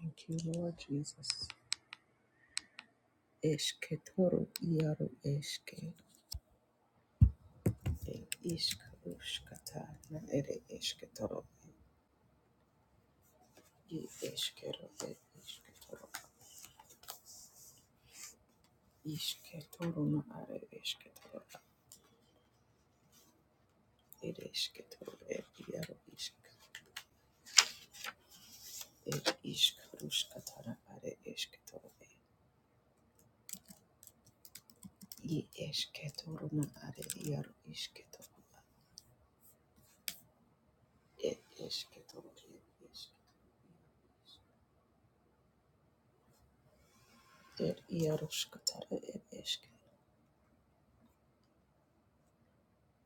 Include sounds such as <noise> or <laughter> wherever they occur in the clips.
Thank you, Lord Jesus. Eshke toro iaro eshke. E ishka ushkata na ere eshke toro. I eshke ro e eshke toro. Ishke toro na are eshke toro. Ere eshke toro e iaro ishka. E ishka ushkata na are eshke toro e. I eshke toro na are iaro ishke toro. E eshke toro e eshke. E iaro ushkata na e eshke.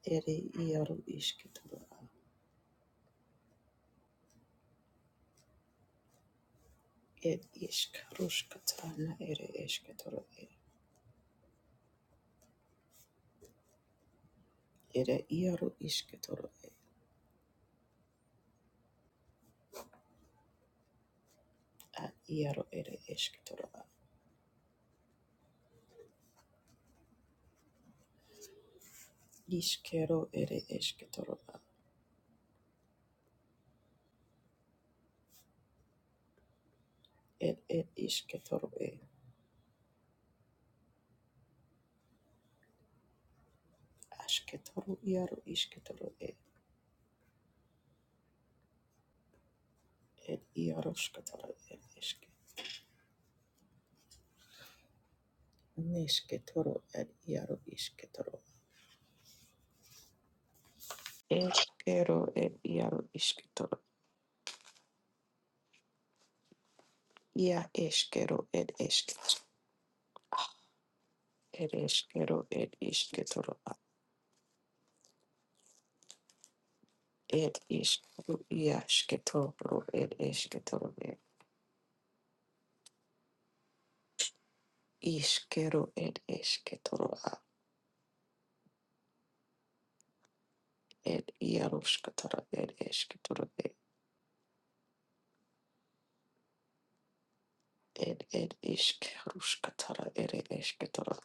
Ere iaru iškitoro ir iškaruškatana ere iškitoro ere iaru iškitoro a iaru ere iškitoro a iškero ere iškitoro a ir ir iškitoro e aškitoro iaru iškitoro e ir iaruškatoro ir iški neškitoro ir iaru iškitoro eškero ir iaru iškitoro ia eškero ir iškitoro ir eškero ir iškitoro Ed ishkeru iasketoro ed esketoro ed ishkeru ed esketoro a ed iaruskatara ed esketoro ed ed ed ishkaruskatara ed esketoro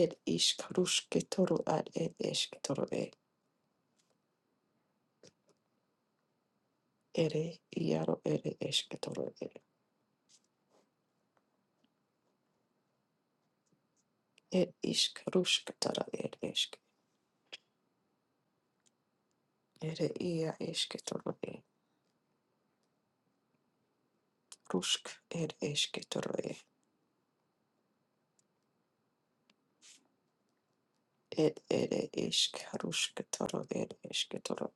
ed ishkarusketoro ad ed esketoro ed ere iaro ed esketoro ed ed ishkaruskatara ed esk ere ia esketoro ed rusk ed esketoro ed ed ere ishkaruskatara ed esketoro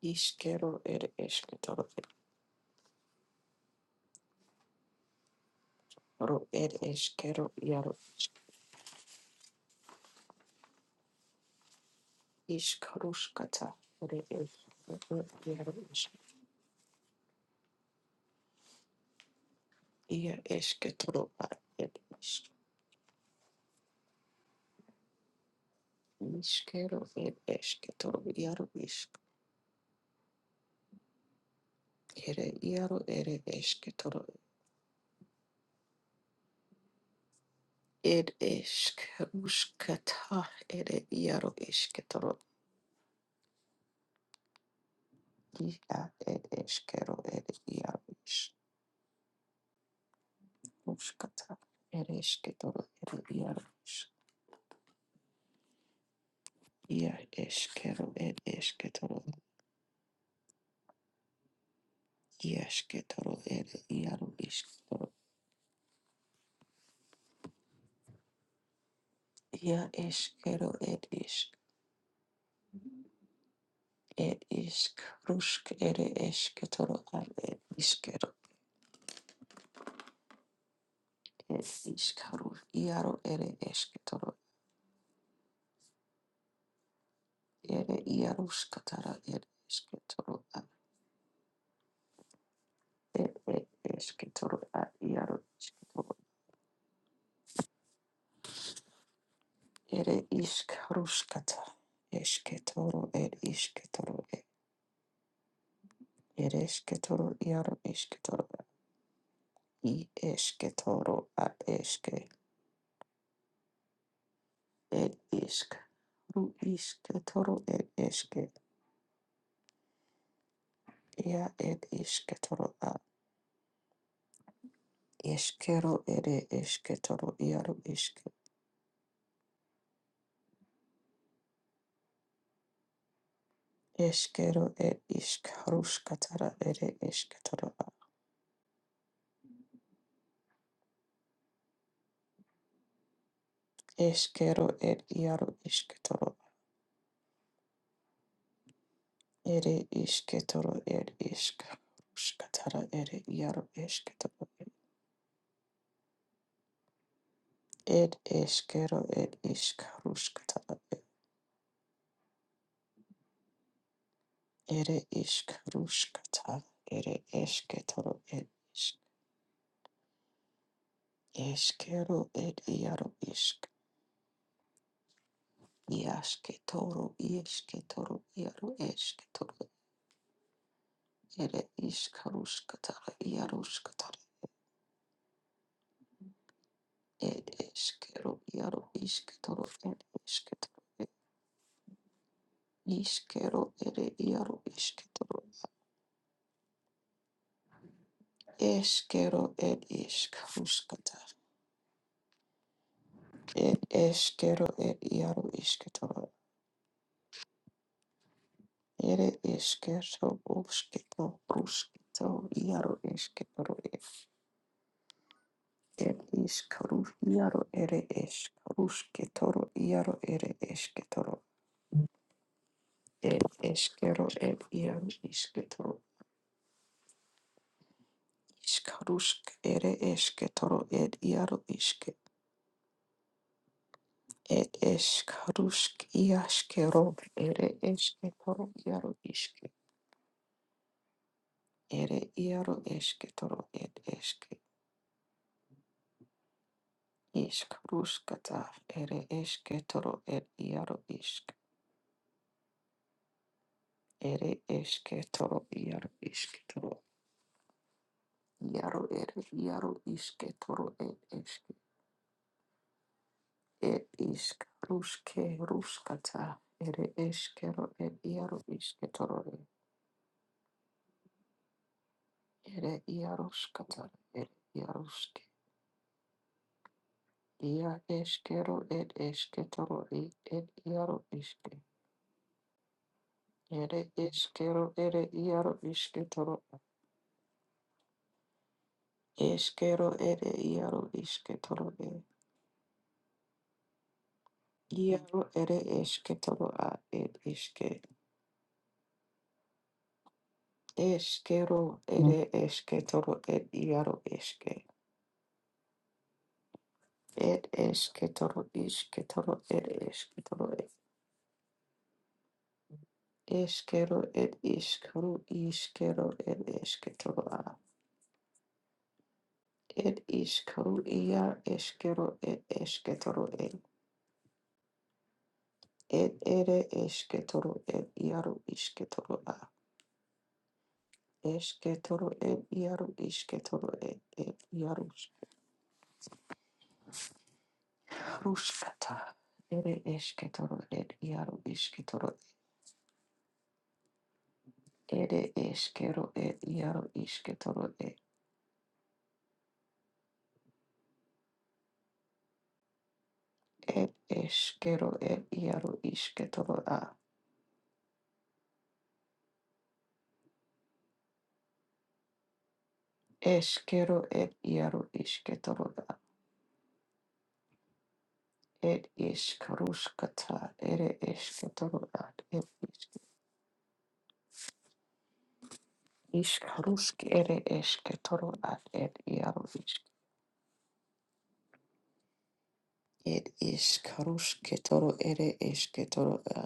Ishkero ere esketoro ro ere eskero iaro ishkarushkata ere eskero iaro ish ia esketoro a ere ish ishkero ere esketoro iaro ish ere iaro ere esketoro ere eshkarushkata ere iaro esketoro ia ere eskero ere iaro ish rushkata ere esketoro ere iaro Ia eskero ed esketoro. Ia esketoro ed iaro isketoro. Ia eskero ed isk. Ed isk rusk ere esketoro ad ed iskero. Ed isk rusk iaro ere esketoro. Ere iaro skatara ed esketoro ad. Ed ed esketoro ad iaro isketoro. Ere isk ruskata. Esketoro ed isketoro ed. Ere esketoro iaro isketoro. i eske toro ad eske ed isk ru iske toro ed eske ia ed iske toro ad eskero ere eske toro iaru iske eskero ed isk ruskatara ere eske toro ad eskero ed iaru iske toro ere iske toro ed isk ruskatara ere iaru eske toro ed eskero ed isk ruskatara Ere ishk rushkata, ere eshketoro ed ishk, eshkero ed iaro ishk, iashketoro ieshketoro iaro eshketoro, ere ishk rushkata, iarushkata, ed eshkero iaro ishketoro ed eshketoro ed ishkero ere iaro ishketoro, eshkero ed ishk rushkata, ed eshkero ed iaro ishketoro, Ere eskero oskito ruskito iaro esketoro er iskaru iaro ere eskarusketoro iaro ere esketoro er eskero er iaro isketoro iskarusk ere esketoro er iaro iske er eskarusk iaskero ere esketoro iaro iske ere iaro esketoro er eske Ishk ruskata ere eske toro er iaro ishk ere eske toro iaro ishk toro iaro ere iaro iske toro er eske er ishk ruske ruskata ere eskero er iaro iske toro er ere iaro skata er iaro ske ia eskero er eske toro er er iaro iske ere eskero ere iaro ishke toro Eskero ere iaro isketoro e. Iaro ere esketoro a ed iske. Eskero ere esketoro ed iaro eske. Ed esketoro isketoro ere esketoro e. Eskero ed iskaru iskero ed esketoro a. Ed iskaru ia eskero ed esketoro e. Ed ere esketoro ed iaro isketoro a. Esketoro ed iaru isketoro ed ed iaru. ruskata. Ere esketoro ed iaru isketoro ere eskero ed iaru isketoro ed ed eskero ed iaru isketoro a eskero ed iaru isketoro a ed isk ruskata ere esketoro ad ed isk isk rusk ere esketoro ad ed iaru Ed ishkarushketoro ere esketoro a.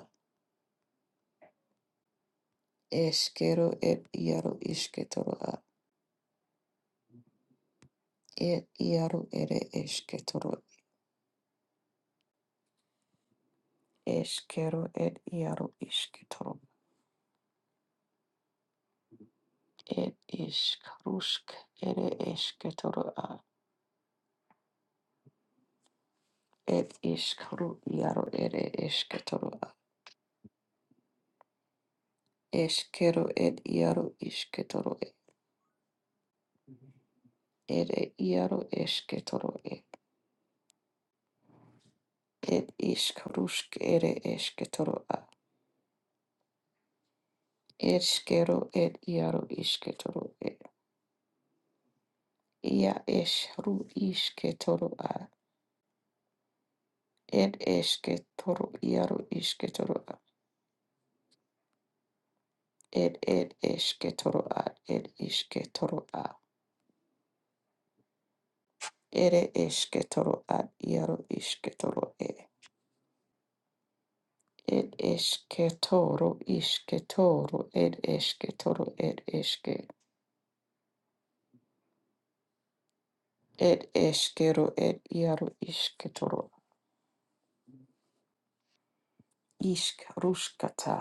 Eskero ed iaro isketoro a. Ed iaro ere esketoro. Eskero ed iaro isketoro. Ed ishkarushk ere esketoro a. Ed ishkaru iaro ere esketoro a. Eskero ed iaro isketoro e. Ere iaro esketoro e. Ed ishkarushk ere esketoro a. Eshkero et iaro isketoro et ia eshru isketoro a et esketoro iaro isketoro a et et esketoro a et isketoro a ere esketoro a iaro isketoro e et esketoro isketoro et esketoro et eske et eskero et iaro isketoro ishk ruskata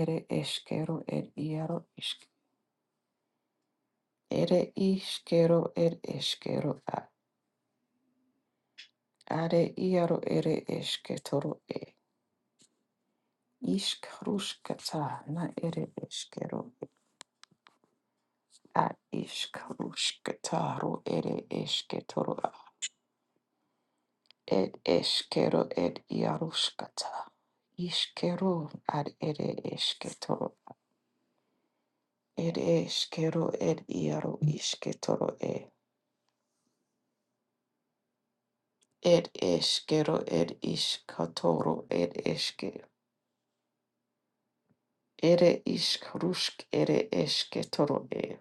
ere eskero et iaro ishk Ere iškero ir iškero a. Are iaro ere esketoro e. Iškaruškata na ere eskero a. Iškaruškataro ere esketoro a. Ed eskero ed iaruškata. Iškero ad ere esketoro. Ed eskero ed iaro isketoro e. Ed eskero ed iskatoro ed eshke. Ere ishkarushk ere eshke toro e.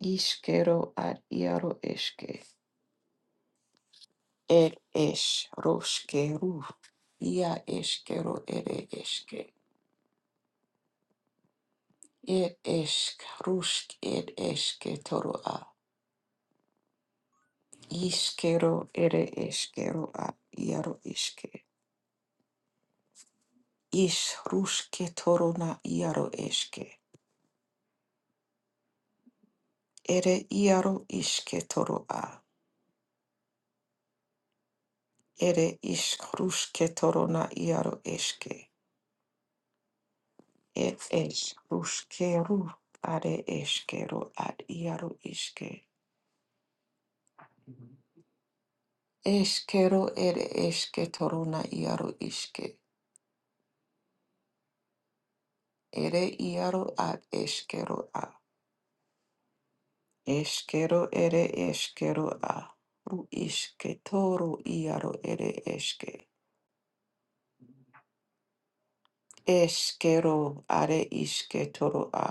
Ishkero ad iaro eshke. Er esh roshke ru. Ia eshkero ere eshke. Er eshk rushk ed eshke toro a. Ishkero ere eshkero a iaro eshke. Ish rushke toro na iaro eshke. Ere iaro ishke toro a. Ere ishk rushke toro na iaro eshke. Ed es ruskeru are eskero ad iaru iske. Eskero ere eske toruna iaru iske. Ere iaru ad eskero a. Eskero ere eskero a. Ru iske toru iaru ere eske. Eskero are iske toru a.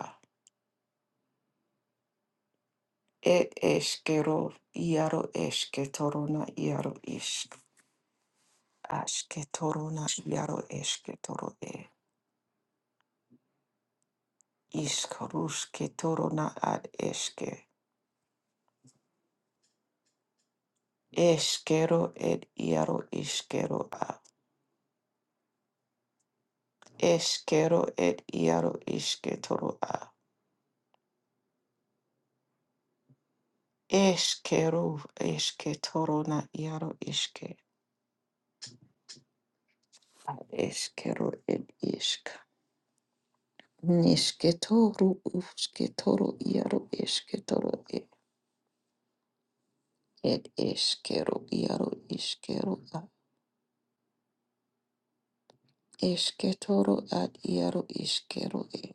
Et eskero iaru eske toruna iaru iske. Aske toruna iaru eske toru e. Iskaruske torona ad eske. Eskero ed iaro iskero a. Eskero ed iaro iske toro a. Eskero eske torona iaro iske. Eskero ed isk. Niske toru uske toro iaro eske toro e. ed eskero iaro iskero a. Esketoro ad iaro iskero e.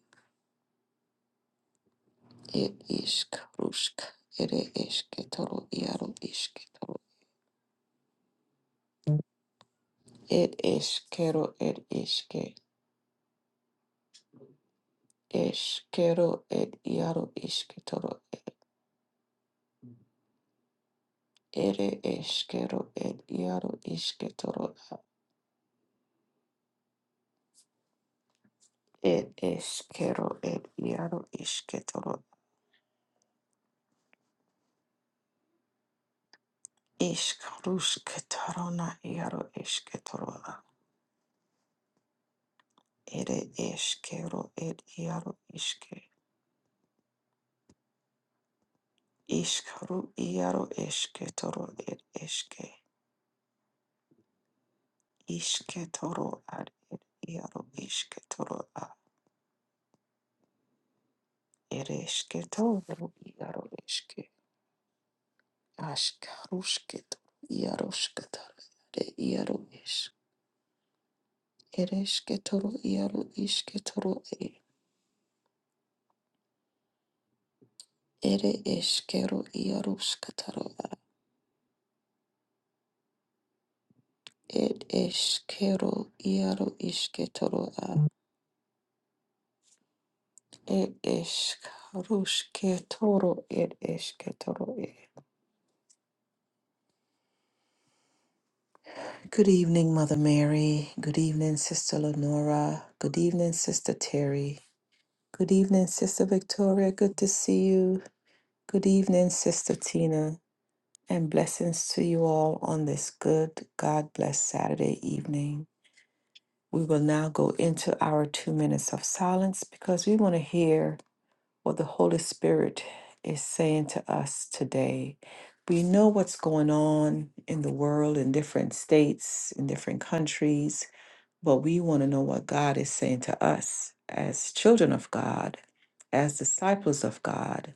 ir ishk rushk ere ir toro iaro ishke toro. ir iškero, ir iške, iškero, ir iaro iškitaro, ir iškero, ir iaro ishke toro. ir iškero, ir iaro ishke toro. iškitaro, iškaruškitaro, na iaro iškitaro, ir iškero, ir iaro iške, ru iaro ishke toro ir iške. Ishketoro ad ed iaro ishketoro a ereshketoro iaro eshke ashkarushketoro iaro shketoro ere iaro ish ereshketoro iaro ishketoro e ere eshkero iaro shketoro a ed eshkero iaro ishketoro a ed eshkarushketoro ed eshketoro e Good evening, Mother Mary. Good evening, Sister Lenora. Good evening, Sister Terry. Good evening, Sister Victoria. Good to see you. Good evening, Sister Tina. And blessings to you all on this good, God bless Saturday evening. We will now go into our two minutes of silence because we want to hear what the Holy Spirit is saying to us today. We know what's going on in the world, in different states, in different countries but we want to know what God is saying to us as children of God, as disciples of God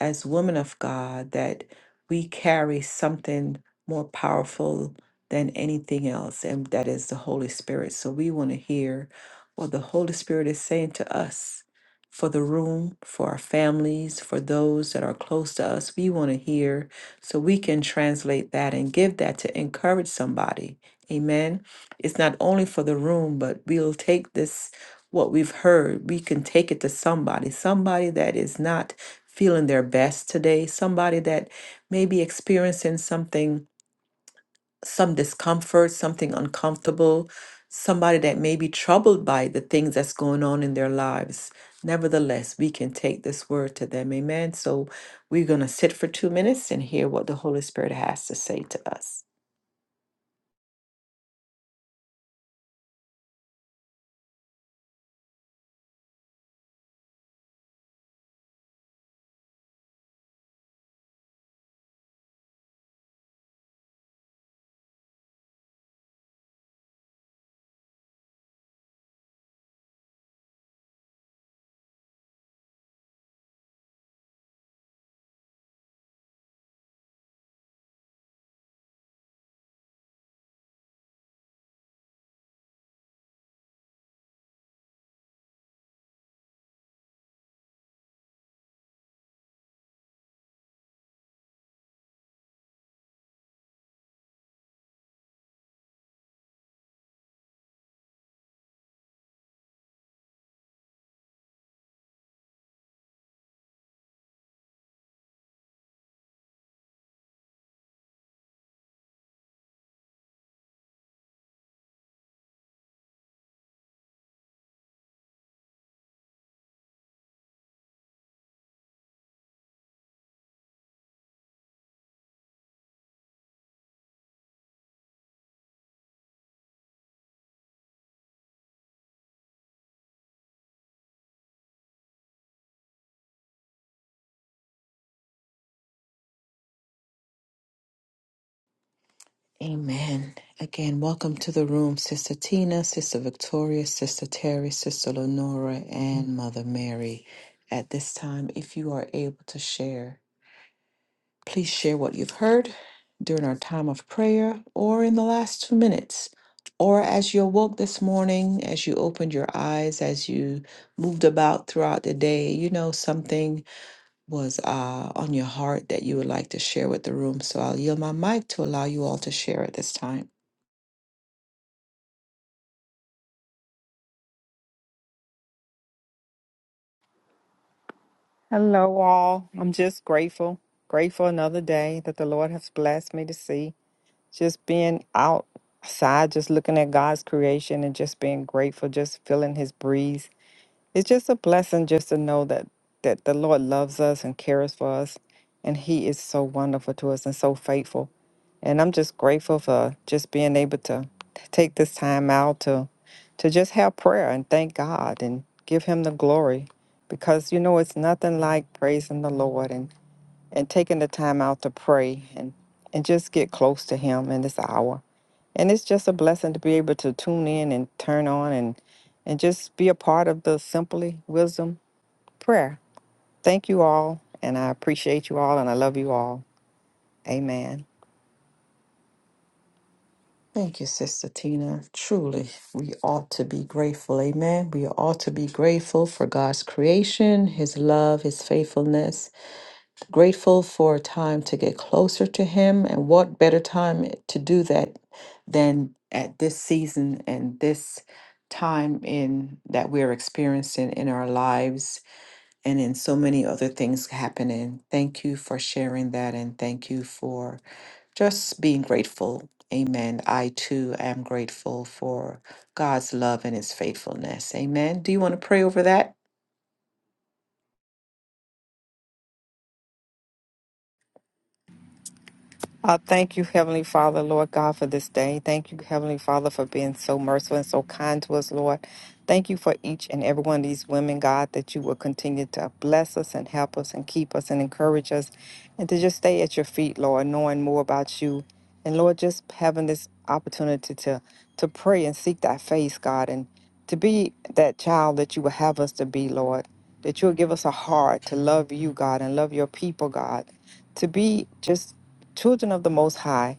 as women of God that we carry something more powerful than anything else, and that is the Holy Spirit. So we want to hear what the Holy Spirit is saying to us for the room, for our families, for those that are close to us. We want to hear so we can translate that and give that to encourage somebody. Amen. It's not only for the room, but we'll take this, what we've heard, we can take it to somebody, somebody that is not feeling their best today, somebody that may be experiencing something, some discomfort, something uncomfortable, somebody that may be troubled by the things that's going on in their lives. Nevertheless, we can take this word to them. Amen. So we're going to sit for two minutes and hear what the Holy Spirit has to say to us. Amen. Again, welcome to the room, Sister Tina, Sister Victoria, Sister Terry, Sister Lenora, and Mother Mary. At this time, if you are able to share, please share what you've heard during our time of prayer or in the last two minutes, or as you awoke this morning, as you opened your eyes, as you moved about throughout the day, you know, something was uh, on your heart that you would like to share with the room. So I'll yield my mic to allow you all to share at this time. Hello, all. I'm just grateful, grateful another day that the Lord has blessed me to see. Just being outside, just looking at God's creation and just being grateful, just feeling His breeze. It's just a blessing just to know that that the Lord loves us and cares for us, and He is so wonderful to us and so faithful. And I'm just grateful for just being able to take this time out to to just have prayer and thank God and give Him the glory, because you know it's nothing like praising the Lord and and taking the time out to pray and, and just get close to Him in this hour. And it's just a blessing to be able to tune in and turn on and, and just be a part of the Simply Wisdom prayer. Thank you all, and I appreciate you all, and I love you all. Amen. Thank you, Sister Tina. Truly, we ought to be grateful. Amen. We ought to be grateful for God's creation, His love, His faithfulness. Grateful for a time to get closer to Him. And what better time to do that than at this season and this time in that we're experiencing in our lives and in so many other things happening. Thank you for sharing that and thank you for just being grateful. Amen. I too am grateful for God's love and his faithfulness. Amen. Do you want to pray over that? I thank you, Heavenly Father, Lord God, for this day. Thank you, Heavenly Father, for being so merciful and so kind to us, Lord. Thank you for each and every one of these women, God, that you will continue to bless us and help us and keep us and encourage us and to just stay at your feet, Lord, knowing more about you. And Lord, just having this opportunity to to pray and seek thy face, God, and to be that child that you will have us to be, Lord. That you'll give us a heart to love you, God, and love your people, God. To be just children of the Most High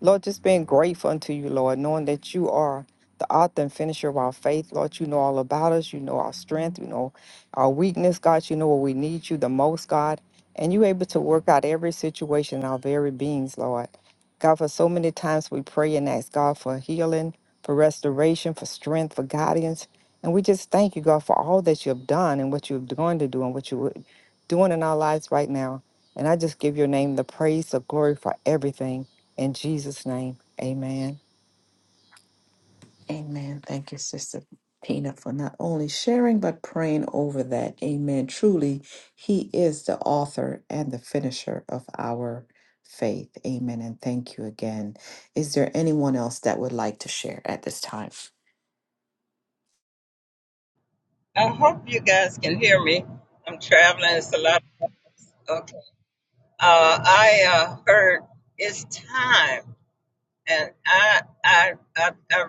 Lord, just being grateful unto you, Lord, knowing that you are the author and finisher of our faith. Lord, you know all about us. You know our strength. You know our weakness, God. You know where we need you the most, God. And you able to work out every situation in our very beings, Lord. God, for so many times we pray and ask God for healing, for restoration, for strength, for guidance. And we just thank you, God, for all that you have done and what you're going to do and what you're doing in our lives right now. And I just give your name the praise, the glory for everything. In Jesus' name, amen. Amen. Thank you, Sister Tina, for not only sharing, but praying over that. Amen. Truly, he is the author and the finisher of our faith. Amen. And thank you again. Is there anyone else that would like to share at this time? I hope you guys can hear me. I'm traveling. It's a lot. Okay. Uh, I uh, heard it's time, and I I I, I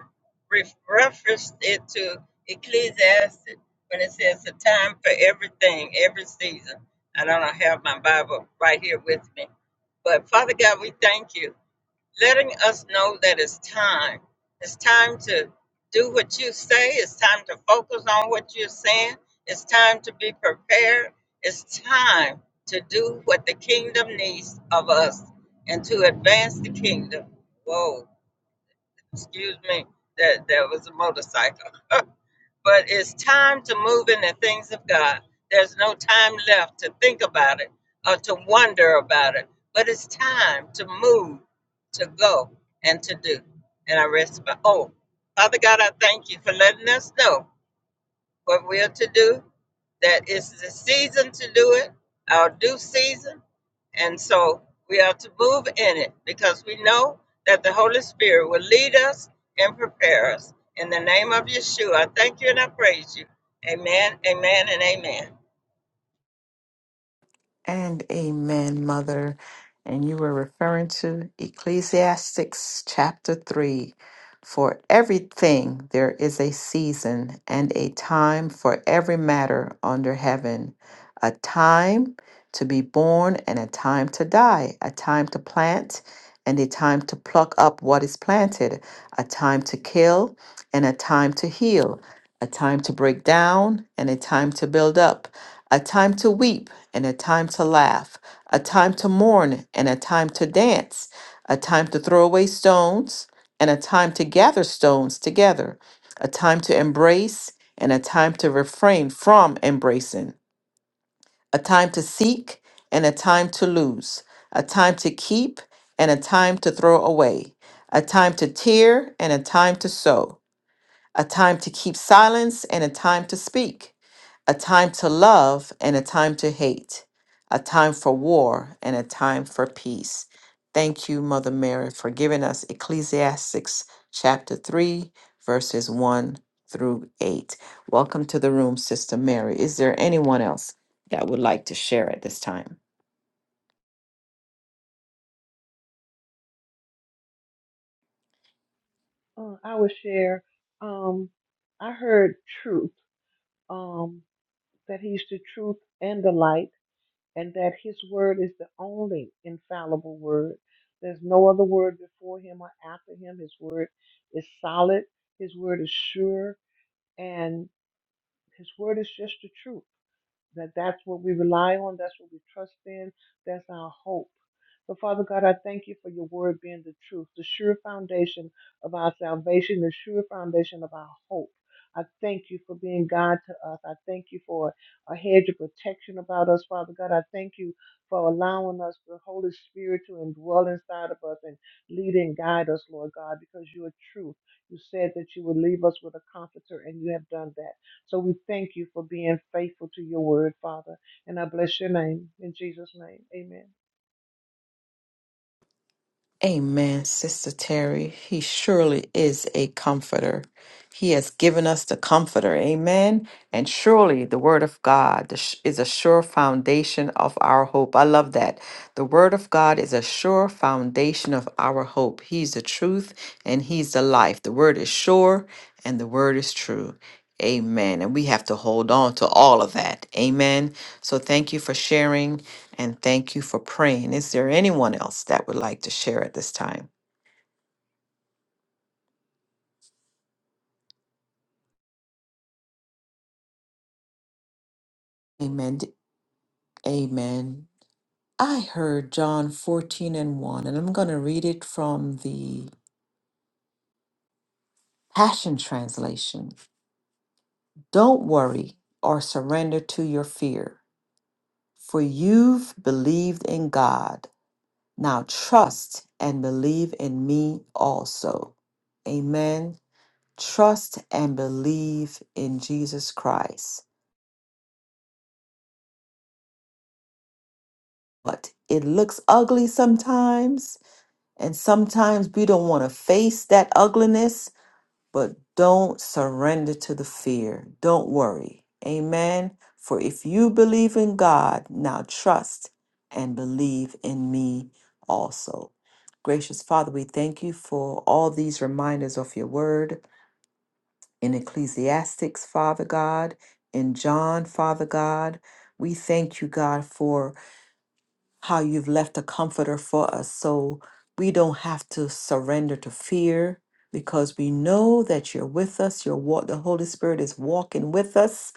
re- referenced it to Ecclesiastes when it says the time for everything, every season. I don't have my Bible right here with me, but Father God, we thank you letting us know that it's time. It's time to do what you say. It's time to focus on what you're saying. It's time to be prepared. It's time to do what the kingdom needs of us and to advance the kingdom. Whoa, excuse me, that, that was a motorcycle. <laughs> but it's time to move in the things of God. There's no time left to think about it or to wonder about it, but it's time to move, to go, and to do. And I rest my oh, Father God, I thank you for letting us know what we're to do that it's the season to do it, our due season. And so we are to move in it because we know that the Holy Spirit will lead us and prepare us. In the name of Yeshua, I thank you and I praise you. Amen, amen, and amen. And amen, Mother. And you were referring to Ecclesiastics chapter 3. For everything there is a season and a time for every matter under heaven, a time to be born and a time to die, a time to plant and a time to pluck up what is planted, a time to kill and a time to heal, a time to break down and a time to build up a time to weep and a time to laugh, a time to mourn and a time to dance, a time to throw away stones and a time to gather stones together, a time to embrace and a time to refrain from embracing, a time to seek and a time to lose, a time to keep and a time to throw away, a time to tear and a time to sow a time to keep silence and a time to speak, a time to love and a time to hate, a time for war and a time for peace. Thank you, Mother Mary, for giving us Ecclesiastics chapter 3, verses 1 through 8. Welcome to the room, Sister Mary. Is there anyone else that would like to share at this time? Uh, I would share. Um, I heard truth, um, that He's the truth and the light, and that His word is the only infallible word. There's no other word before Him or after Him. His word is solid, His word is sure, and His word is just the truth that that's what we rely on, that's what we trust in, that's our hope. So, Father God, I thank you for your word being the truth, the sure foundation of our salvation, the sure foundation of our hope. I thank you for being God to us. I thank you for a hedge of protection about us, Father God. I thank you for allowing us the Holy Spirit to indwell inside of us and lead and guide us, Lord God, because you are true. You said that you would leave us with a comforter, and you have done that. So we thank you for being faithful to your word, Father. And I bless your name in Jesus' name. Amen. Amen, Sister Terry. He surely is a comforter. He has given us the comforter. Amen. And surely the Word of God is is a sure foundation of our hope. I love that. The Word of God is a sure foundation of our hope. He's the truth and He's the life. The Word is sure and the Word is true. Amen. And we have to hold on to all of that. Amen. So thank you for sharing. And thank you for praying. Is there anyone else that would like to share at this time? Amen. D- Amen. I heard John 14 and 1, and I'm going to read it from the Passion Translation. Don't worry or surrender to your fear, for you've believed in God. Now trust and believe in me also. Amen. Trust and believe in Jesus Christ. But it looks ugly sometimes, and sometimes we don't want to face that ugliness, but don't surrender to the fear. Don't worry. Amen. For if you believe in God, now trust and believe in me also. Gracious Father, we thank you for all these reminders of your word in Ecclesiastics, Father God, in John, Father God. We thank you, God, for how you've left a comforter for us so we don't have to surrender to fear because we know that you're with us your walk the holy spirit is walking with us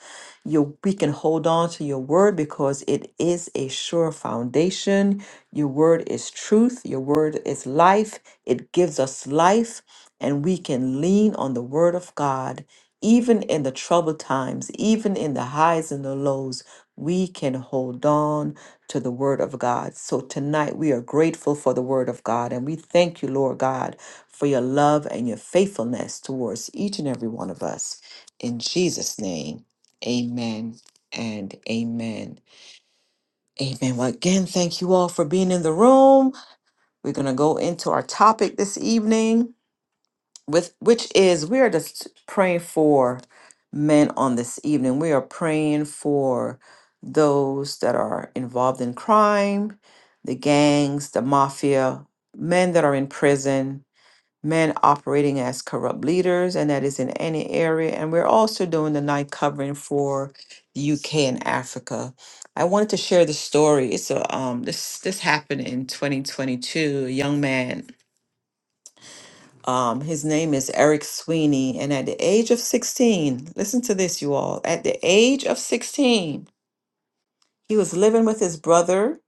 you we can hold on to your word because it is a sure foundation your word is truth your word is life it gives us life and we can lean on the word of god even in the troubled times even in the highs and the lows we can hold on to the Word of God. So tonight we are grateful for the Word of God and we thank you, Lord God, for your love and your faithfulness towards each and every one of us. In Jesus' name, amen and amen. Amen. Well, again, thank you all for being in the room. We're going to go into our topic this evening with which is we are just praying for men on this evening. We are praying for those that are involved in crime, the gangs, the mafia, men that are in prison, men operating as corrupt leaders, and that is in any area. And we're also doing the night covering for the UK and Africa. I wanted to share the story. It's a um this this happened in 2022. A young man um, his name is Eric Sweeney. And at the age of 16, listen to this, you all. At the age of 16, he was living with his brother,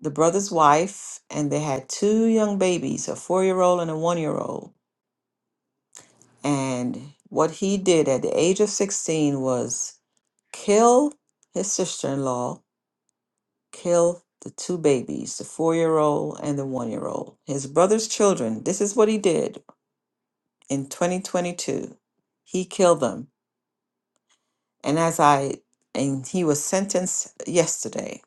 the brother's wife, and they had two young babies, a four year old and a one year old. And what he did at the age of 16 was kill his sister in law, kill the two babies, the four year old and the one year old. His brother's children, this is what he did in 2022. He killed them And as I, and he was sentenced yesterday.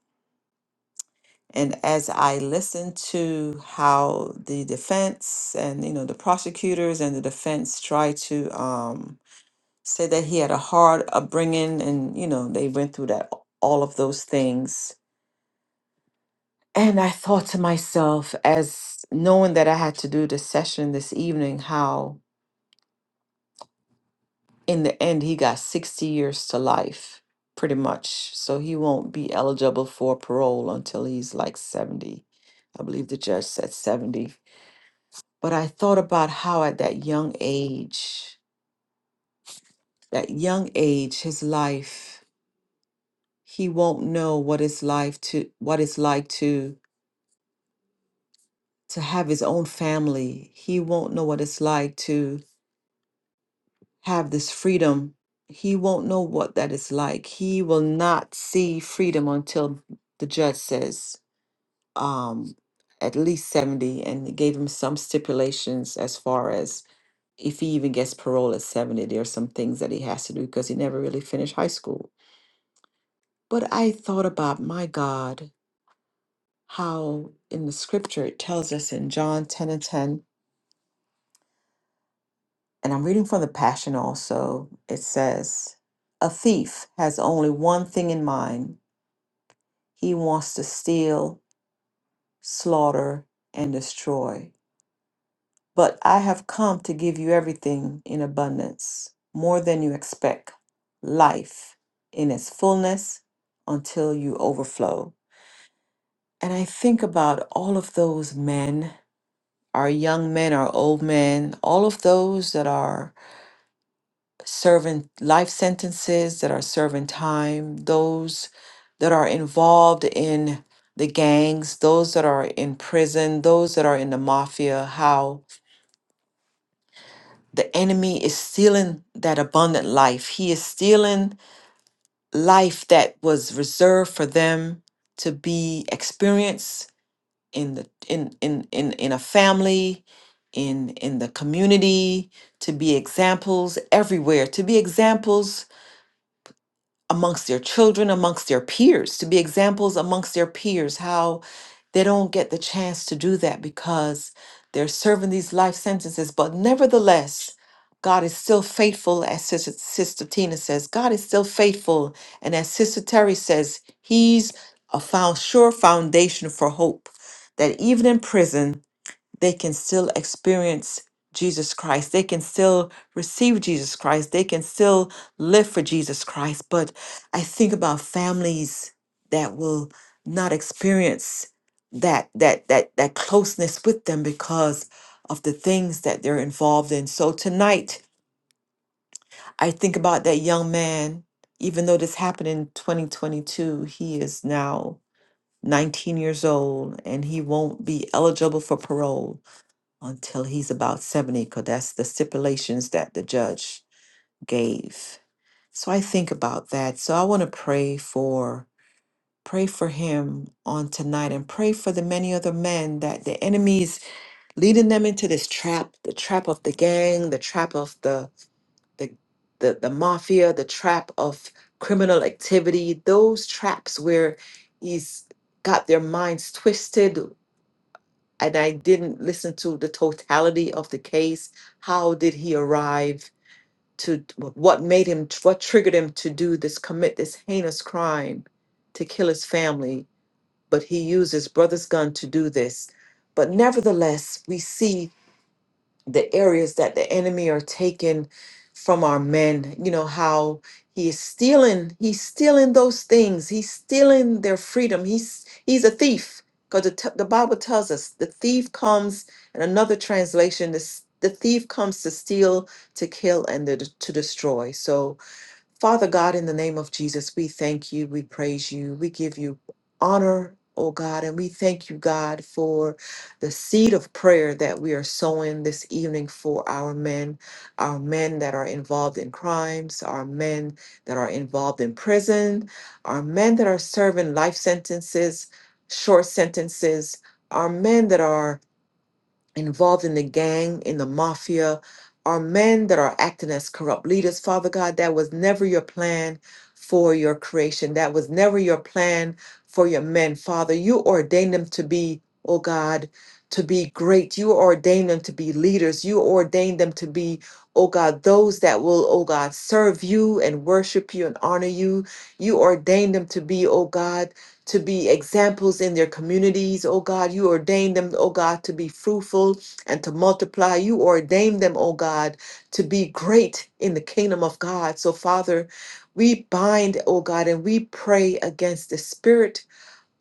And as I listened to how the defense and, you know, the prosecutors and the defense tried to um, say that he had a hard upbringing and, you know, they went through that, all of those things. And I thought to myself, as knowing that I had to do this session this evening, how in the end, he got 60 years to life, pretty much. So he won't be eligible for parole until he's like 70. I believe the judge said 70. But I thought about how at that young age, that young age, his life, he won't know what it's life to what it's like to to have his own family. He won't know what it's like to have this freedom, he won't know what that is like. He will not see freedom until the judge says um, at least 70, and it gave him some stipulations as far as if he even gets parole at 70, there are some things that he has to do because he never really finished high school. But I thought about, my God, how in the scripture it tells us in John 10 and 10, and I'm reading from the Passion also, it says, A thief has only one thing in mind He wants to steal, slaughter, and destroy. But I have come to give you everything in abundance, more than you expect, life in its fullness until you overflow. And I think about all of those men, our young men, our old men, all of those that are serving life sentences, that are serving time, those that are involved in the gangs, those that are in prison, those that are in the mafia, how the enemy is stealing that abundant life. He is stealing life that was reserved for them to be experienced in the in in in, in a family, in in the community, to be examples everywhere, to be examples amongst their children, amongst their peers, to be examples amongst their peers, how they don't get the chance to do that because they're serving these life sentences. But nevertheless, God is still faithful, as Sister, Sister Tina says, God is still faithful. And as Sister Terry says, He's a found, sure foundation for hope that even in prison, they can still experience Jesus Christ. They can still receive Jesus Christ. They can still live for Jesus Christ. But I think about families that will not experience that that that that closeness with them because of the things that they're involved in. So tonight, I think about that young man. Even though this happened in 2022, he is now 19 years old and he won't be eligible for parole until he's about 70, because that's the stipulations that the judge gave. So I think about that. So I want to pray for pray for him on tonight and pray for the many other men that the enemy is leading them into this trap, the trap of the gang, the trap of the the the, the mafia, the trap of criminal activity, those traps where he's got their minds twisted, and I didn't listen to the totality of the case. How did he arrive to what made him, what triggered him to do this, commit this heinous crime to kill his family? But he used his brother's gun to do this. But nevertheless, we see the areas that the enemy are taking from our men you know how he is stealing he's stealing those things he's stealing their freedom he's he's a thief because the, t- the bible tells us the thief comes in another translation this the thief comes to steal to kill and to, to destroy so Father God, in the name of Jesus, we thank you, we praise you, we give you honor, oh God, and we thank you, God, for the seed of prayer that we are sowing this evening for our men, our men that are involved in crimes, our men that are involved in prison, our men that are serving life sentences, short sentences, our men that are involved in the gang, in the mafia, are men that are acting as corrupt leaders. Father God, that was never your plan for your creation. That was never your plan for your men. Father, you ordained them to be, oh God, to be great. You ordained them to be leaders. You ordained them to be, oh God, those that will, oh God, serve you and worship you and honor you. You ordained them to be, oh God, to be examples in their communities, oh God. You ordained them, oh God, to be fruitful and to multiply. You ordained them, oh God, to be great in the kingdom of God. So, Father, we bind, oh God, and we pray against the spirit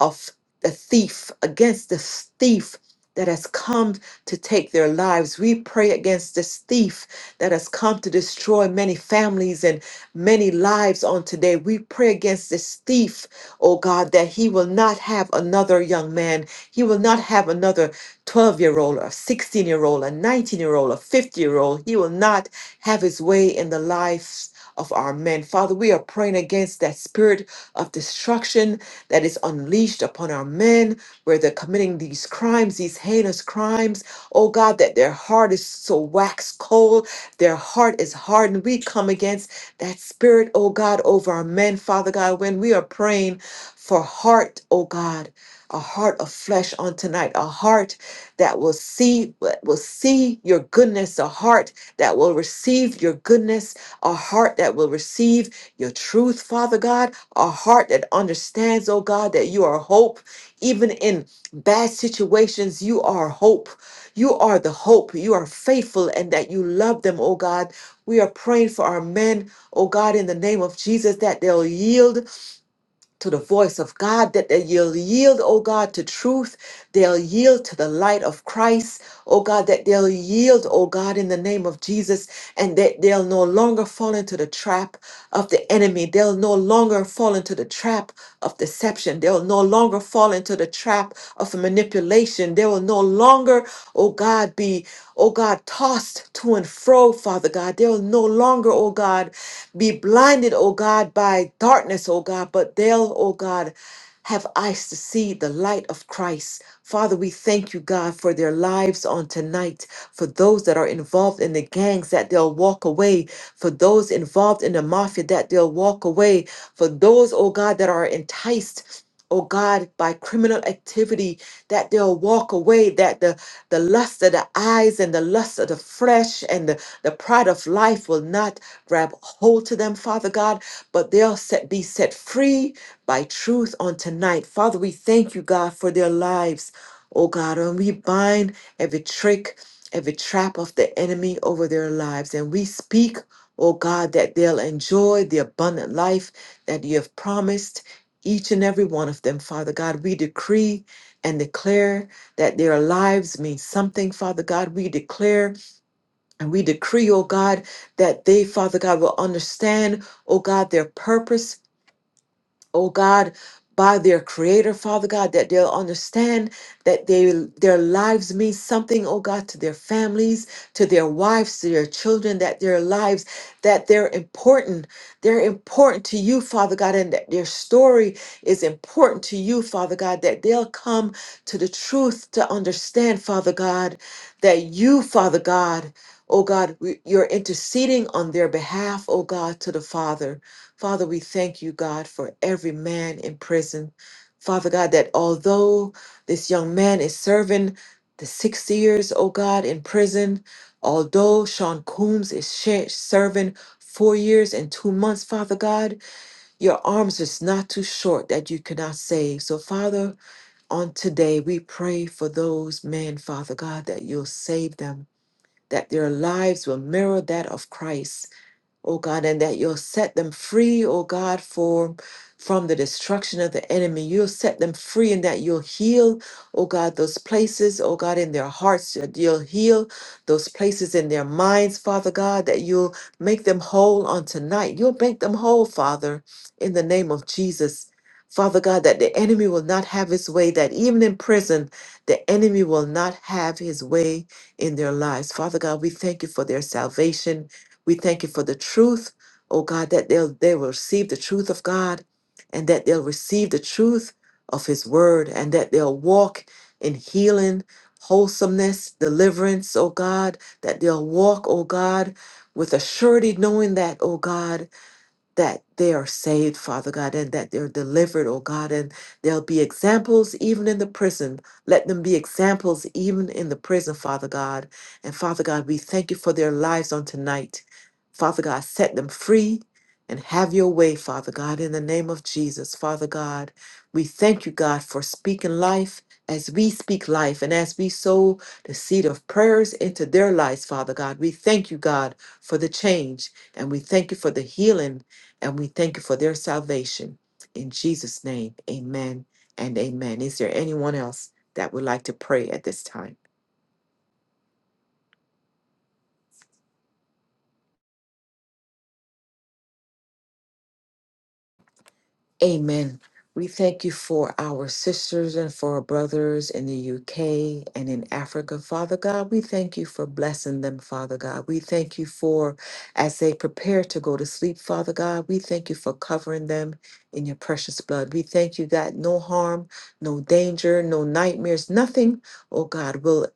of the thief, against the thief that has come to take their lives. We pray against this thief that has come to destroy many families and many lives on today. We pray against this thief, oh God, that he will not have another young man. He will not have another 12 year old or 16 year old, a 19 year old, a 50 year old. He will not have his way in the lives of our men. Father, we are praying against that spirit of destruction that is unleashed upon our men, where they're committing these crimes, these heinous crimes. Oh God, that their heart is so wax cold, their heart is hardened. We come against that spirit, oh God, over our men, Father God, when we are praying for heart, oh God, a heart of flesh on tonight, a heart that will see that will see your goodness, a heart that will receive your goodness, a heart that will receive your truth, Father God a heart that understands, oh God, that you are hope. Even in bad situations, you are hope. You are the hope. You are faithful and that you love them, oh God. We are praying for our men, oh God, in the name of Jesus, that they'll yield to the voice of God, that they'll yield, oh God, to truth. They'll yield to the light of Christ, oh God, that they'll yield, oh God, in the name of Jesus, and that they'll no longer fall into the trap of the enemy. They'll no longer fall into the trap of deception. They'll no longer fall into the trap of manipulation. They will no longer, oh God, be, oh God, tossed to and fro, Father God. They'll no longer, oh God, be blinded, oh God, by darkness, oh God, but they'll, oh God, have eyes to see the light of Christ. Father, we thank you, God, for their lives on tonight. For those that are involved in the gangs, that they'll walk away. For those involved in the mafia, that they'll walk away. For those, oh God, that are enticed. Oh God, by criminal activity, that they'll walk away, that the the lust of the eyes and the lust of the flesh and the, the pride of life will not grab hold to them, Father God, but they'll set, be set free by truth on tonight. Father, we thank you, God, for their lives, oh God, and we bind every trick, every trap of the enemy over their lives, and we speak. Oh God, that they'll enjoy the abundant life that you have promised each and every one of them, Father God. We decree and declare that their lives mean something, Father God. We declare and we decree, oh God, that they, Father God, will understand, oh God, their purpose oh God, by their creator, Father God, that they'll understand that they their lives mean something, oh God, to their families, to their wives, to their children, that their lives, that they're important. They're important to you, Father God, and that their story is important to you, Father God, that they'll come to the truth to understand, Father God, that you, Father God, oh God, we- you're interceding on their behalf, oh God, to the Father. Father, we thank you, God, for every man in prison. Father God, that although this young man is serving the six years, oh God, in prison, although Sean Coombs is sh- serving four years and two months, Father God, your arms is not too short that you cannot save. So, Father, on today, we pray for those men, Father God, that you'll save them, that their lives will mirror that of Christ oh God, and that you'll set them free, oh God, for from the destruction of the enemy. You'll set them free and that you'll heal, oh God, those places, oh God, in their hearts. that You'll heal those places in their minds, Father God, that you'll make them whole on tonight. You'll make them whole, Father, in the name of Jesus. Father God, that the enemy will not have his way, that even in prison, the enemy will not have his way in their lives. Father God, we thank you for their salvation. We thank you for the truth, oh God, that they'll they will receive the truth of God and that they'll receive the truth of his word and that they'll walk in healing, wholesomeness, deliverance, oh God, that they'll walk, oh God, with a surety knowing that, oh God that they are saved, Father God, and that they're delivered, oh God, and they'll be examples even in the prison. Let them be examples even in the prison, Father God. And Father God, we thank you for their lives on tonight. Father God, set them free and have your way, Father God, in the name of Jesus, Father God. We thank you, God, for speaking life as we speak life and as we sow the seed of prayers into their lives, Father God. We thank you, God, for the change and we thank you for the healing and we thank you for their salvation. In Jesus' name, amen and amen. Is there anyone else that would like to pray at this time? Amen. We thank you for our sisters and for our brothers in the UK and in Africa. Father God, we thank you for blessing them, Father God. We thank you for, as they prepare to go to sleep, Father God, we thank you for covering them in your precious blood. We thank you that no harm, no danger, no nightmares, nothing, oh God, will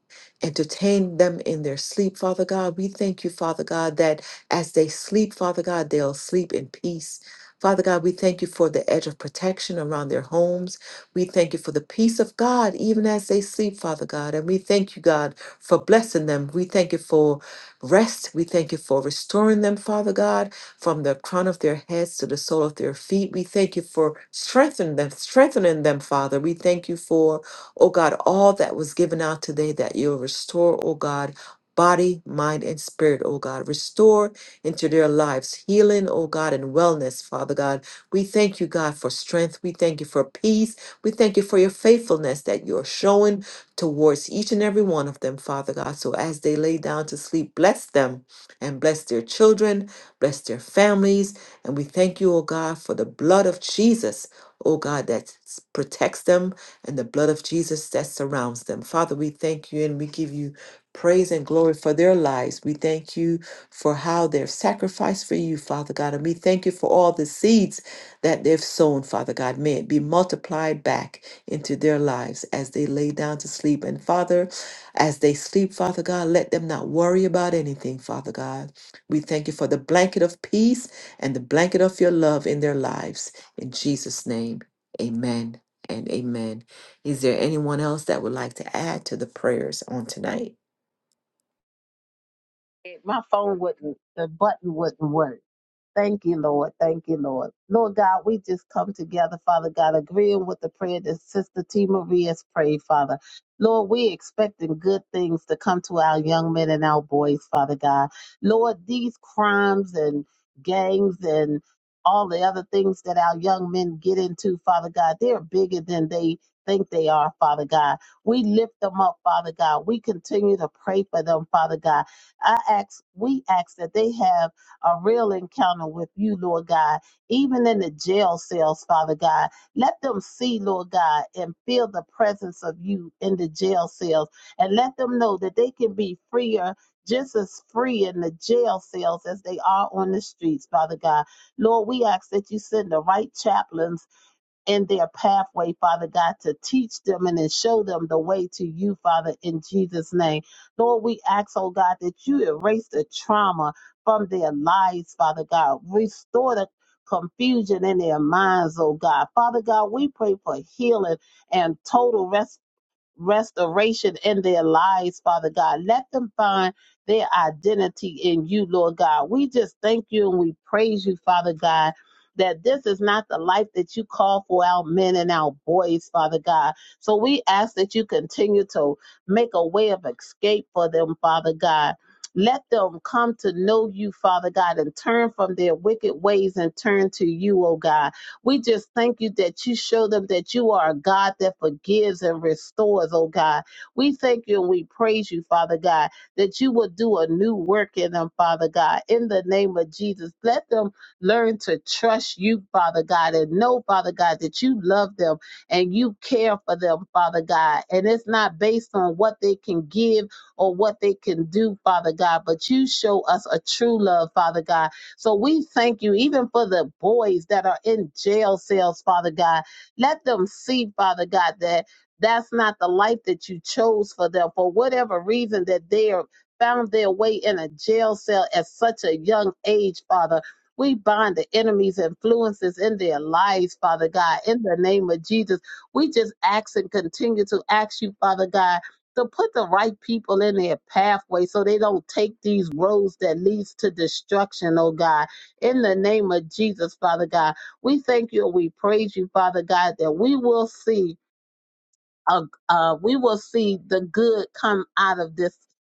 entertain them in their sleep, Father God. We thank you, Father God, that as they sleep, Father God, they'll sleep in peace. Father God, we thank you for the edge of protection around their homes. We thank you for the peace of God, even as they sleep, Father God. And we thank you, God, for blessing them. We thank you for rest. We thank you for restoring them, Father God, from the crown of their heads to the sole of their feet. We thank you for strengthening them, strengthening them, Father. We thank you for, oh God, all that was given out today that you'll restore, oh God. Body, mind, and spirit, oh God. Restore into their lives. Healing, oh God, and wellness, Father God. We thank you, God, for strength. We thank you for peace. We thank you for your faithfulness that you're showing towards each and every one of them, Father God. So as they lay down to sleep, bless them and bless their children, bless their families, and we thank you, O God, for the blood of Jesus, O God, that s- protects them and the blood of Jesus that surrounds them. Father, we thank you and we give you praise and glory for their lives. We thank you for how they've sacrificed for you, Father God. And we thank you for all the seeds that they've sown, Father God. May it be multiplied back into their lives as they lay down to sleep. And Father, as they sleep, Father God, let them not worry about anything, Father God. We thank you for the blanket of peace and the blanket of your love in their lives. In Jesus' name, amen and amen. Is there anyone else that would like to add to the prayers on tonight? my phone wouldn't, the button wouldn't work. Thank you, Lord. Thank you, Lord. Lord God, we just come together, Father God, agreeing with the prayer that Sister T. Marie has prayed, Father. Lord, we expecting good things to come to our young men and our boys, Father God. Lord, these crimes and gangs and all the other things that our young men get into, Father God, they're bigger than they think they are, Father God. We lift them up, Father God. We continue to pray for them, Father God. I ask, we ask that they have a real encounter with you, Lord God, even in the jail cells, Father God. Let them see, Lord God, and feel the presence of you in the jail cells, and let them know that they can be freer. Just as free in the jail cells as they are on the streets, Father God. Lord, we ask that you send the right chaplains in their pathway, Father God, to teach them and then show them the way to you, Father, in Jesus' name. Lord, we ask, oh God, that you erase the trauma from their lives, Father God. Restore the confusion in their minds, oh God. Father God, we pray for healing and total restoration restoration in their lives, Father God. Let them find their identity in you, Lord God. We just thank you and we praise you, Father God. That this is not the life that you call for our men and our boys, Father God. So we ask that you continue to make a way of escape for them, Father God. Let them come to know you, Father God, and turn from their wicked ways and turn to you, O God. We just thank you that you show them that you are a God that forgives and restores, oh God. We thank you and we praise you, Father God, that you will do a new work in them, Father God, in the name of Jesus. Let them learn to trust you, Father God, and know, Father God, that you love them and you care for them, Father God. And it's not based on what they can give or what they can do, Father God, but you show us a true love, Father God so we thank you, even for the boys that are in jail cells, Father God. Let them see, Father God, that that's not the life that you chose for them for whatever reason that they are found their way in a jail cell at such a young age, Father. We bind the enemy's influences in their lives, Father God, in the name of Jesus. We just ask and continue to ask you, Father God to put the right people in their pathway so they don't take these roads that leads to destruction, oh God. In the name of Jesus, Father God, we thank you and we praise you, Father God, that we will see uh, uh, we will see the good come out of this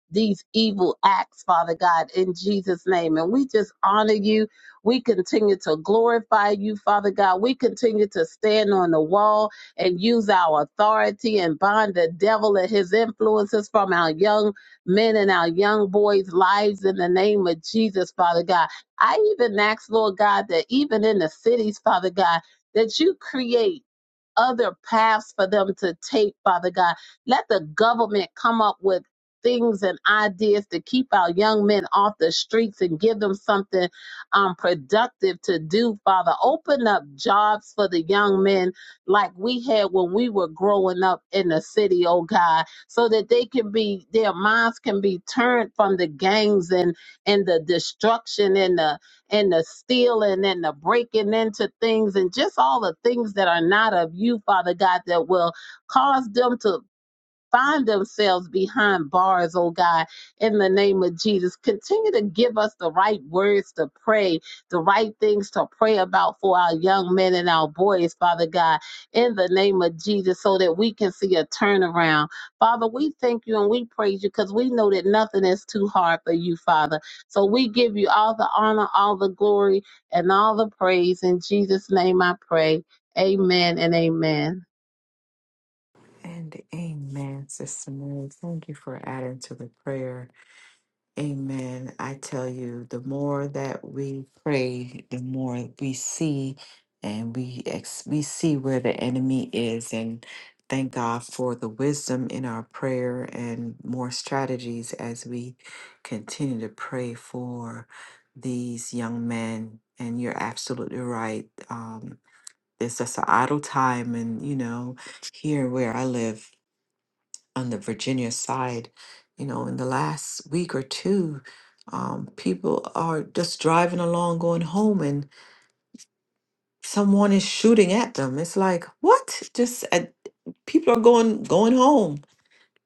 these evil acts, Father God, in Jesus' name. And we just honor you. We continue to glorify you, Father God. We continue to stand on the wall and use our authority and bind the devil and his influences from our young men and our young boys' lives in the name of Jesus, Father God. I even ask, Lord God, that even in the cities, Father God, that you create other paths for them to take, Father God. Let the government come up with things and ideas to keep our young men off the streets and give them something um, productive to do, Father. Open up jobs for the young men like we had when we were growing up in the city, oh God, so that they can be, their minds can be turned from the gangs and, and the destruction and the and the stealing and the breaking into things and just all the things that are not of you, Father God, that will cause them to find themselves behind bars, oh God, in the name of Jesus. Continue to give us the right words to pray, the right things to pray about for our young men and our boys, Father God, in the name of Jesus, so that we can see a turnaround. Father, we thank you and we praise you because we know that nothing is too hard for you, Father. So we give you all the honor, all the glory, and all the praise. In Jesus' name I pray. Amen and amen. And amen, Sister Mary. Thank you for adding to the prayer. Amen. I tell you, the more that we pray, the more we see and we ex- we see where the enemy is and thank God for the wisdom in our prayer and more strategies as we continue to pray for these young men. And you're absolutely right. Um, it's just an idle time and you know, here where I live, on the Virginia side, you know, in the last week or two, um, people are just driving along, going home, and someone is shooting at them. It's like, what? Just at, people are going going home,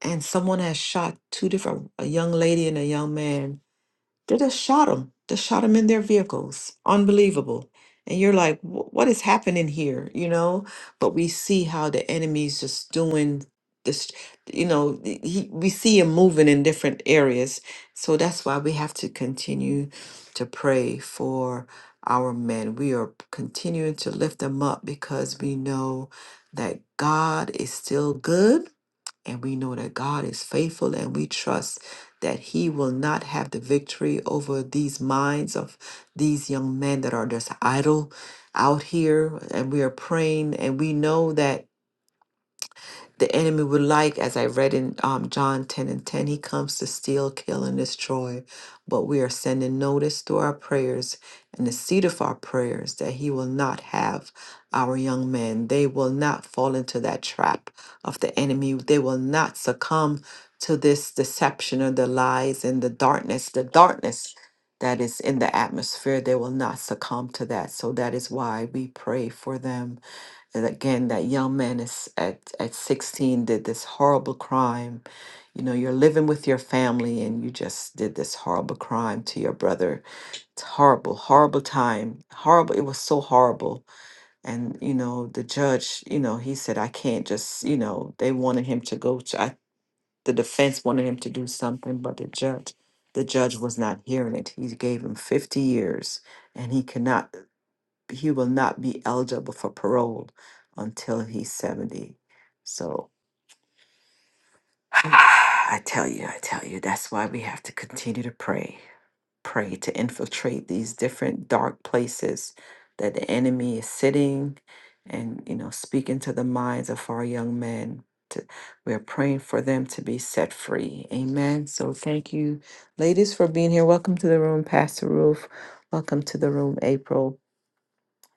and someone has shot two different, a young lady and a young man they just shot them. Just shot them in their vehicles. Unbelievable. And you're like, "Wh- what is happening here? You know? But we see how the enemy's just doing this, you know, th- he, we see him moving in different areas. So that's why we have to continue to pray for our men. We are continuing to lift them up because we know that God is still good and we know that God is faithful and we trust that He will not have the victory over these minds of these young men that are just idle out here. And we are praying and we know that the enemy would like, as I read in um, John 10 and 10, he comes to steal, kill, and destroy. But we are sending notice through our prayers and the seed of our prayers that he will not have our young men. They will not fall into that trap of the enemy. They will not succumb to this deception or the lies and the darkness, the darkness that is in the atmosphere. They will not succumb to that. So that is why we pray for them and again, that young man is at, at 16 did this horrible crime. You know, you're living with your family and you just did this horrible crime to your brother. It's horrible, horrible time. Horrible. It was so horrible. And, you know, the judge, you know, he said, I can't just, you know, they wanted him to go to, I, the defense wanted him to do something, but the judge, the judge was not hearing it. He gave him 50 years and he cannot he will not be eligible for parole until he's 70. So <sighs> I tell you, I tell you, that's why we have to continue to pray. Pray to infiltrate these different dark places that the enemy is sitting and, you know, speaking to the minds of our young men. To, we're praying for them to be set free. Amen. So thank you, ladies, for being here. Welcome to the room, Pastor Roof. Welcome to the room, April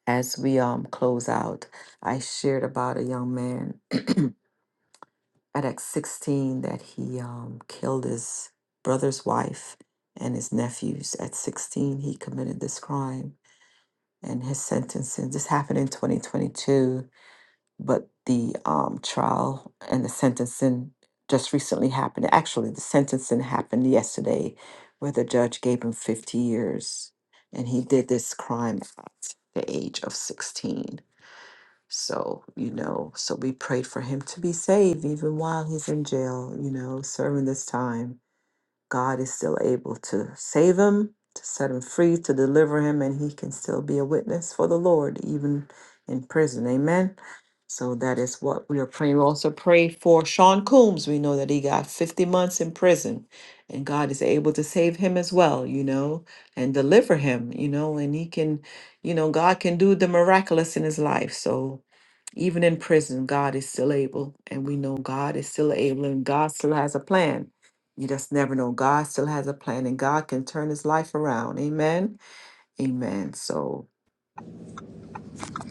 as we um close out, I shared about a young man <clears throat> at like 16 that he um killed his brother's wife and his nephews. At 16, he committed this crime and his sentencing. This happened in 2022, but the um trial and the sentencing just recently happened. Actually, the sentencing happened yesterday where the judge gave him 50 years and he did this crime at the age of 16 so, you know, so we prayed for him to be saved even while he's in jail, you know, serving this time. God is still able to save him, to set him free, to deliver him, and he can still be a witness for the Lord, even in prison. Amen. So that is what we are praying. We also pray for Sean Coombs. We know that he got 50 months in prison, and God is able to save him as well, you know, and deliver him, you know, and he can, you know, God can do the miraculous in his life. So even in prison, God is still able, and we know God is still able, and God still has a plan you just never know. God still has a plan and God can turn his life around. Amen. Amen. So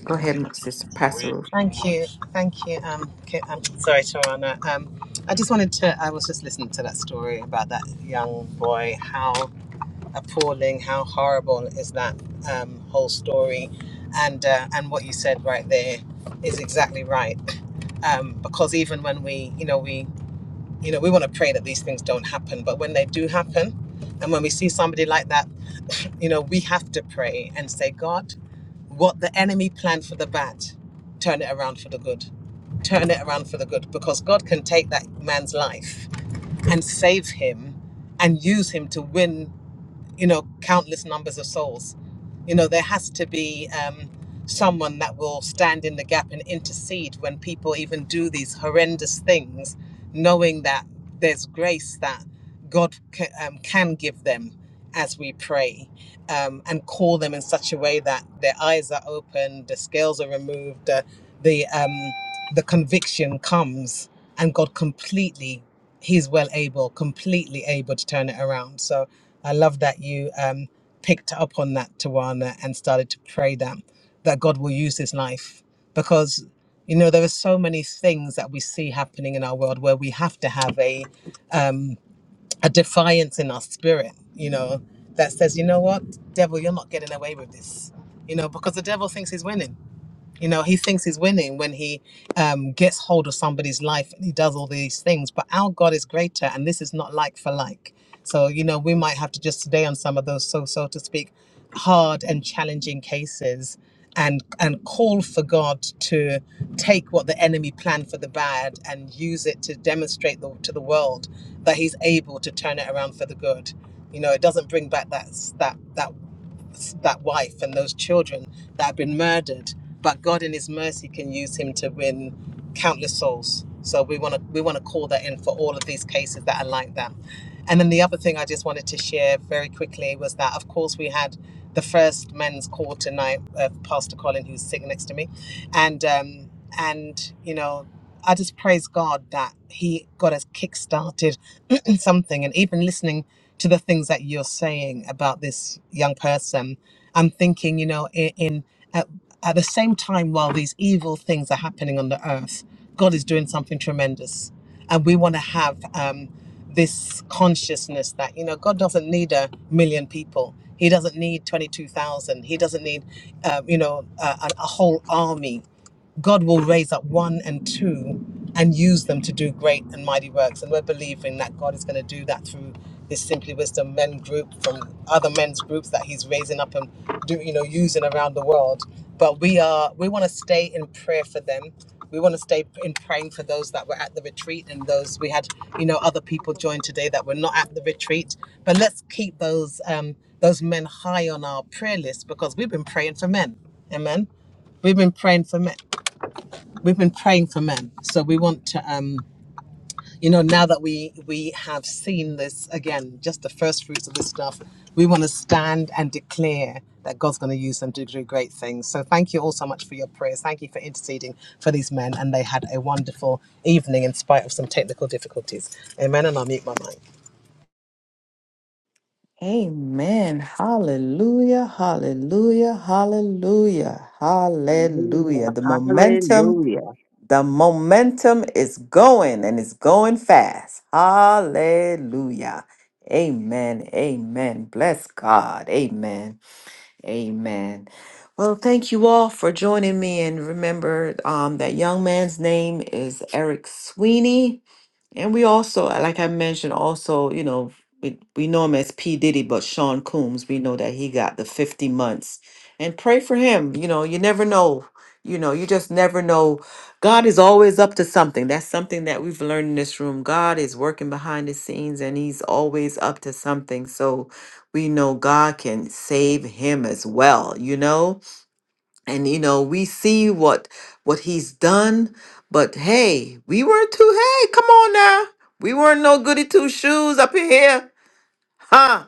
go ahead, my sister Pastor Ruth. Thank you, thank you. Um, Ki- um sorry, Tarana. Um, I just wanted to. I was just listening to that story about that young boy. How appalling, how horrible is that um, whole story? And uh, and what you said right there is exactly right. Um, because even when we, you know, we, you know, we want to pray that these things don't happen, but when they do happen, and when we see somebody like that, you know, we have to pray and say, God what the enemy planned for the bad, turn it around for the good. Turn it around for the good because God can take that man's life and save him and use him to win you know, countless numbers of souls. You know, there has to be um, someone that will stand in the gap and intercede when people even do these horrendous things, knowing that there's grace that God ca- um, can give them as we pray um, and call them in such a way that their eyes are opened, the scales are removed, the the, um, the conviction comes, and God completely, He's well able, completely able to turn it around. So I love that you um, picked up on that, Tawana, and started to pray that that God will use His life because you know there are so many things that we see happening in our world where we have to have a um, a defiance in our spirit, you know, that says, you know what, devil, you're not getting away with this, you know, because the devil thinks he's winning you know, he thinks he's winning when he um, gets hold of somebody's life and he does all these things. But our God is greater, and this is not like for like. So, you know, we might have to just today on some of those, so so to speak, hard and challenging cases, and and call for God to take what the enemy planned for the bad and use it to demonstrate the, to the world that He's able to turn it around for the good. You know, it doesn't bring back that that that that wife and those children that have been murdered. But God, in His mercy, can use him to win countless souls. So we want to we want to call that in for all of these cases that are like that. And then the other thing I just wanted to share very quickly was that, of course, we had the first men's call tonight, uh, Pastor Colin, who's sitting next to me, and um, and you know, I just praise God that he got us kick-started <clears throat> something and even listening to the things that you're saying about this young person i'm thinking you know in, in at, at the same time while these evil things are happening on the earth god is doing something tremendous and we want to have um, this consciousness that you know god doesn't need a million people he doesn't need 22,000 he doesn't need um, you know a, a a whole army God will raise up one and two and use them to do great and mighty works. And we're believing that God is going to do that through this Simply Wisdom men group from other men's groups that he's raising up and do, you know, using around the world. But we are we want to stay in prayer for them. We want to stay in praying for those that were at the retreat and those we had, you know, other people join today that were not at the retreat. But let's keep those um, those men high on our prayer list because we've been praying for men. Amen. We've been praying for men we've been praying for men so we want to um you know now that we we have seen this again just the first fruits of this stuff we want to stand and declare that god's going to use them to do great things so thank you all so much for your prayers thank you for interceding for these men and they had a wonderful evening in spite of some technical difficulties amen and i'll mute my mic Amen. Hallelujah. Hallelujah. Hallelujah. Hallelujah. Hallelujah. The momentum, Hallelujah. the momentum is going and it's going fast. Hallelujah. Amen. Amen. Bless God. Amen. Amen. Well, thank you all for joining me. And remember um, that young man's name is Eric Sweeney. And we also, like I mentioned, also, you know, we, we know him as P. Diddy, but Sean Combs. we know that he got the 50 months. And pray for him. You know, you never know. You know, you just never know. God is always up to something. That's something that we've learned in this room. God is working behind the scenes and he's always up to something. So we know God can save him as well, you know? and you know we see what what he's done but hey we weren't too hey come on now we weren't no goody two shoes up in here huh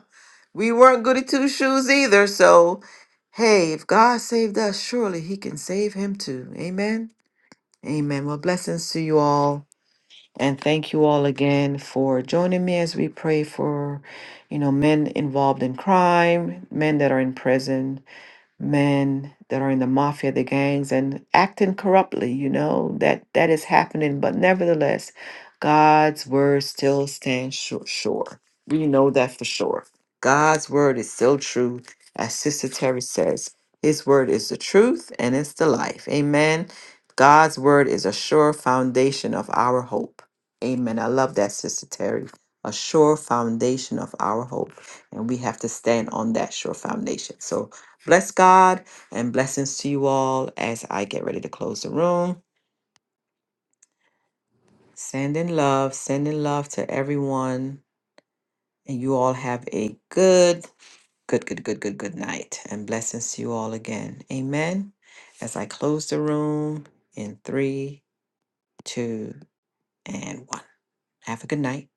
we weren't goody two shoes either so hey if god saved us surely he can save him too amen amen well blessings to you all and thank you all again for joining me as we pray for you know men involved in crime men that are in prison men that are in the mafia, the gangs, and acting corruptly. You know that that is happening, but nevertheless, God's word still stands sure. sure. We know that for sure. God's word is still true, as Sister Terry says. His word is the truth and it's the life. Amen. God's word is a sure foundation of our hope. Amen. I love that, Sister Terry. A sure foundation of our hope. And we have to stand on that sure foundation. So Bless God and blessings to you all as I get ready to close the room. Sending love, sending love to everyone. And you all have a good, good, good, good, good, good night. And blessings to you all again. Amen. As I close the room in three, two, and one. Have a good night.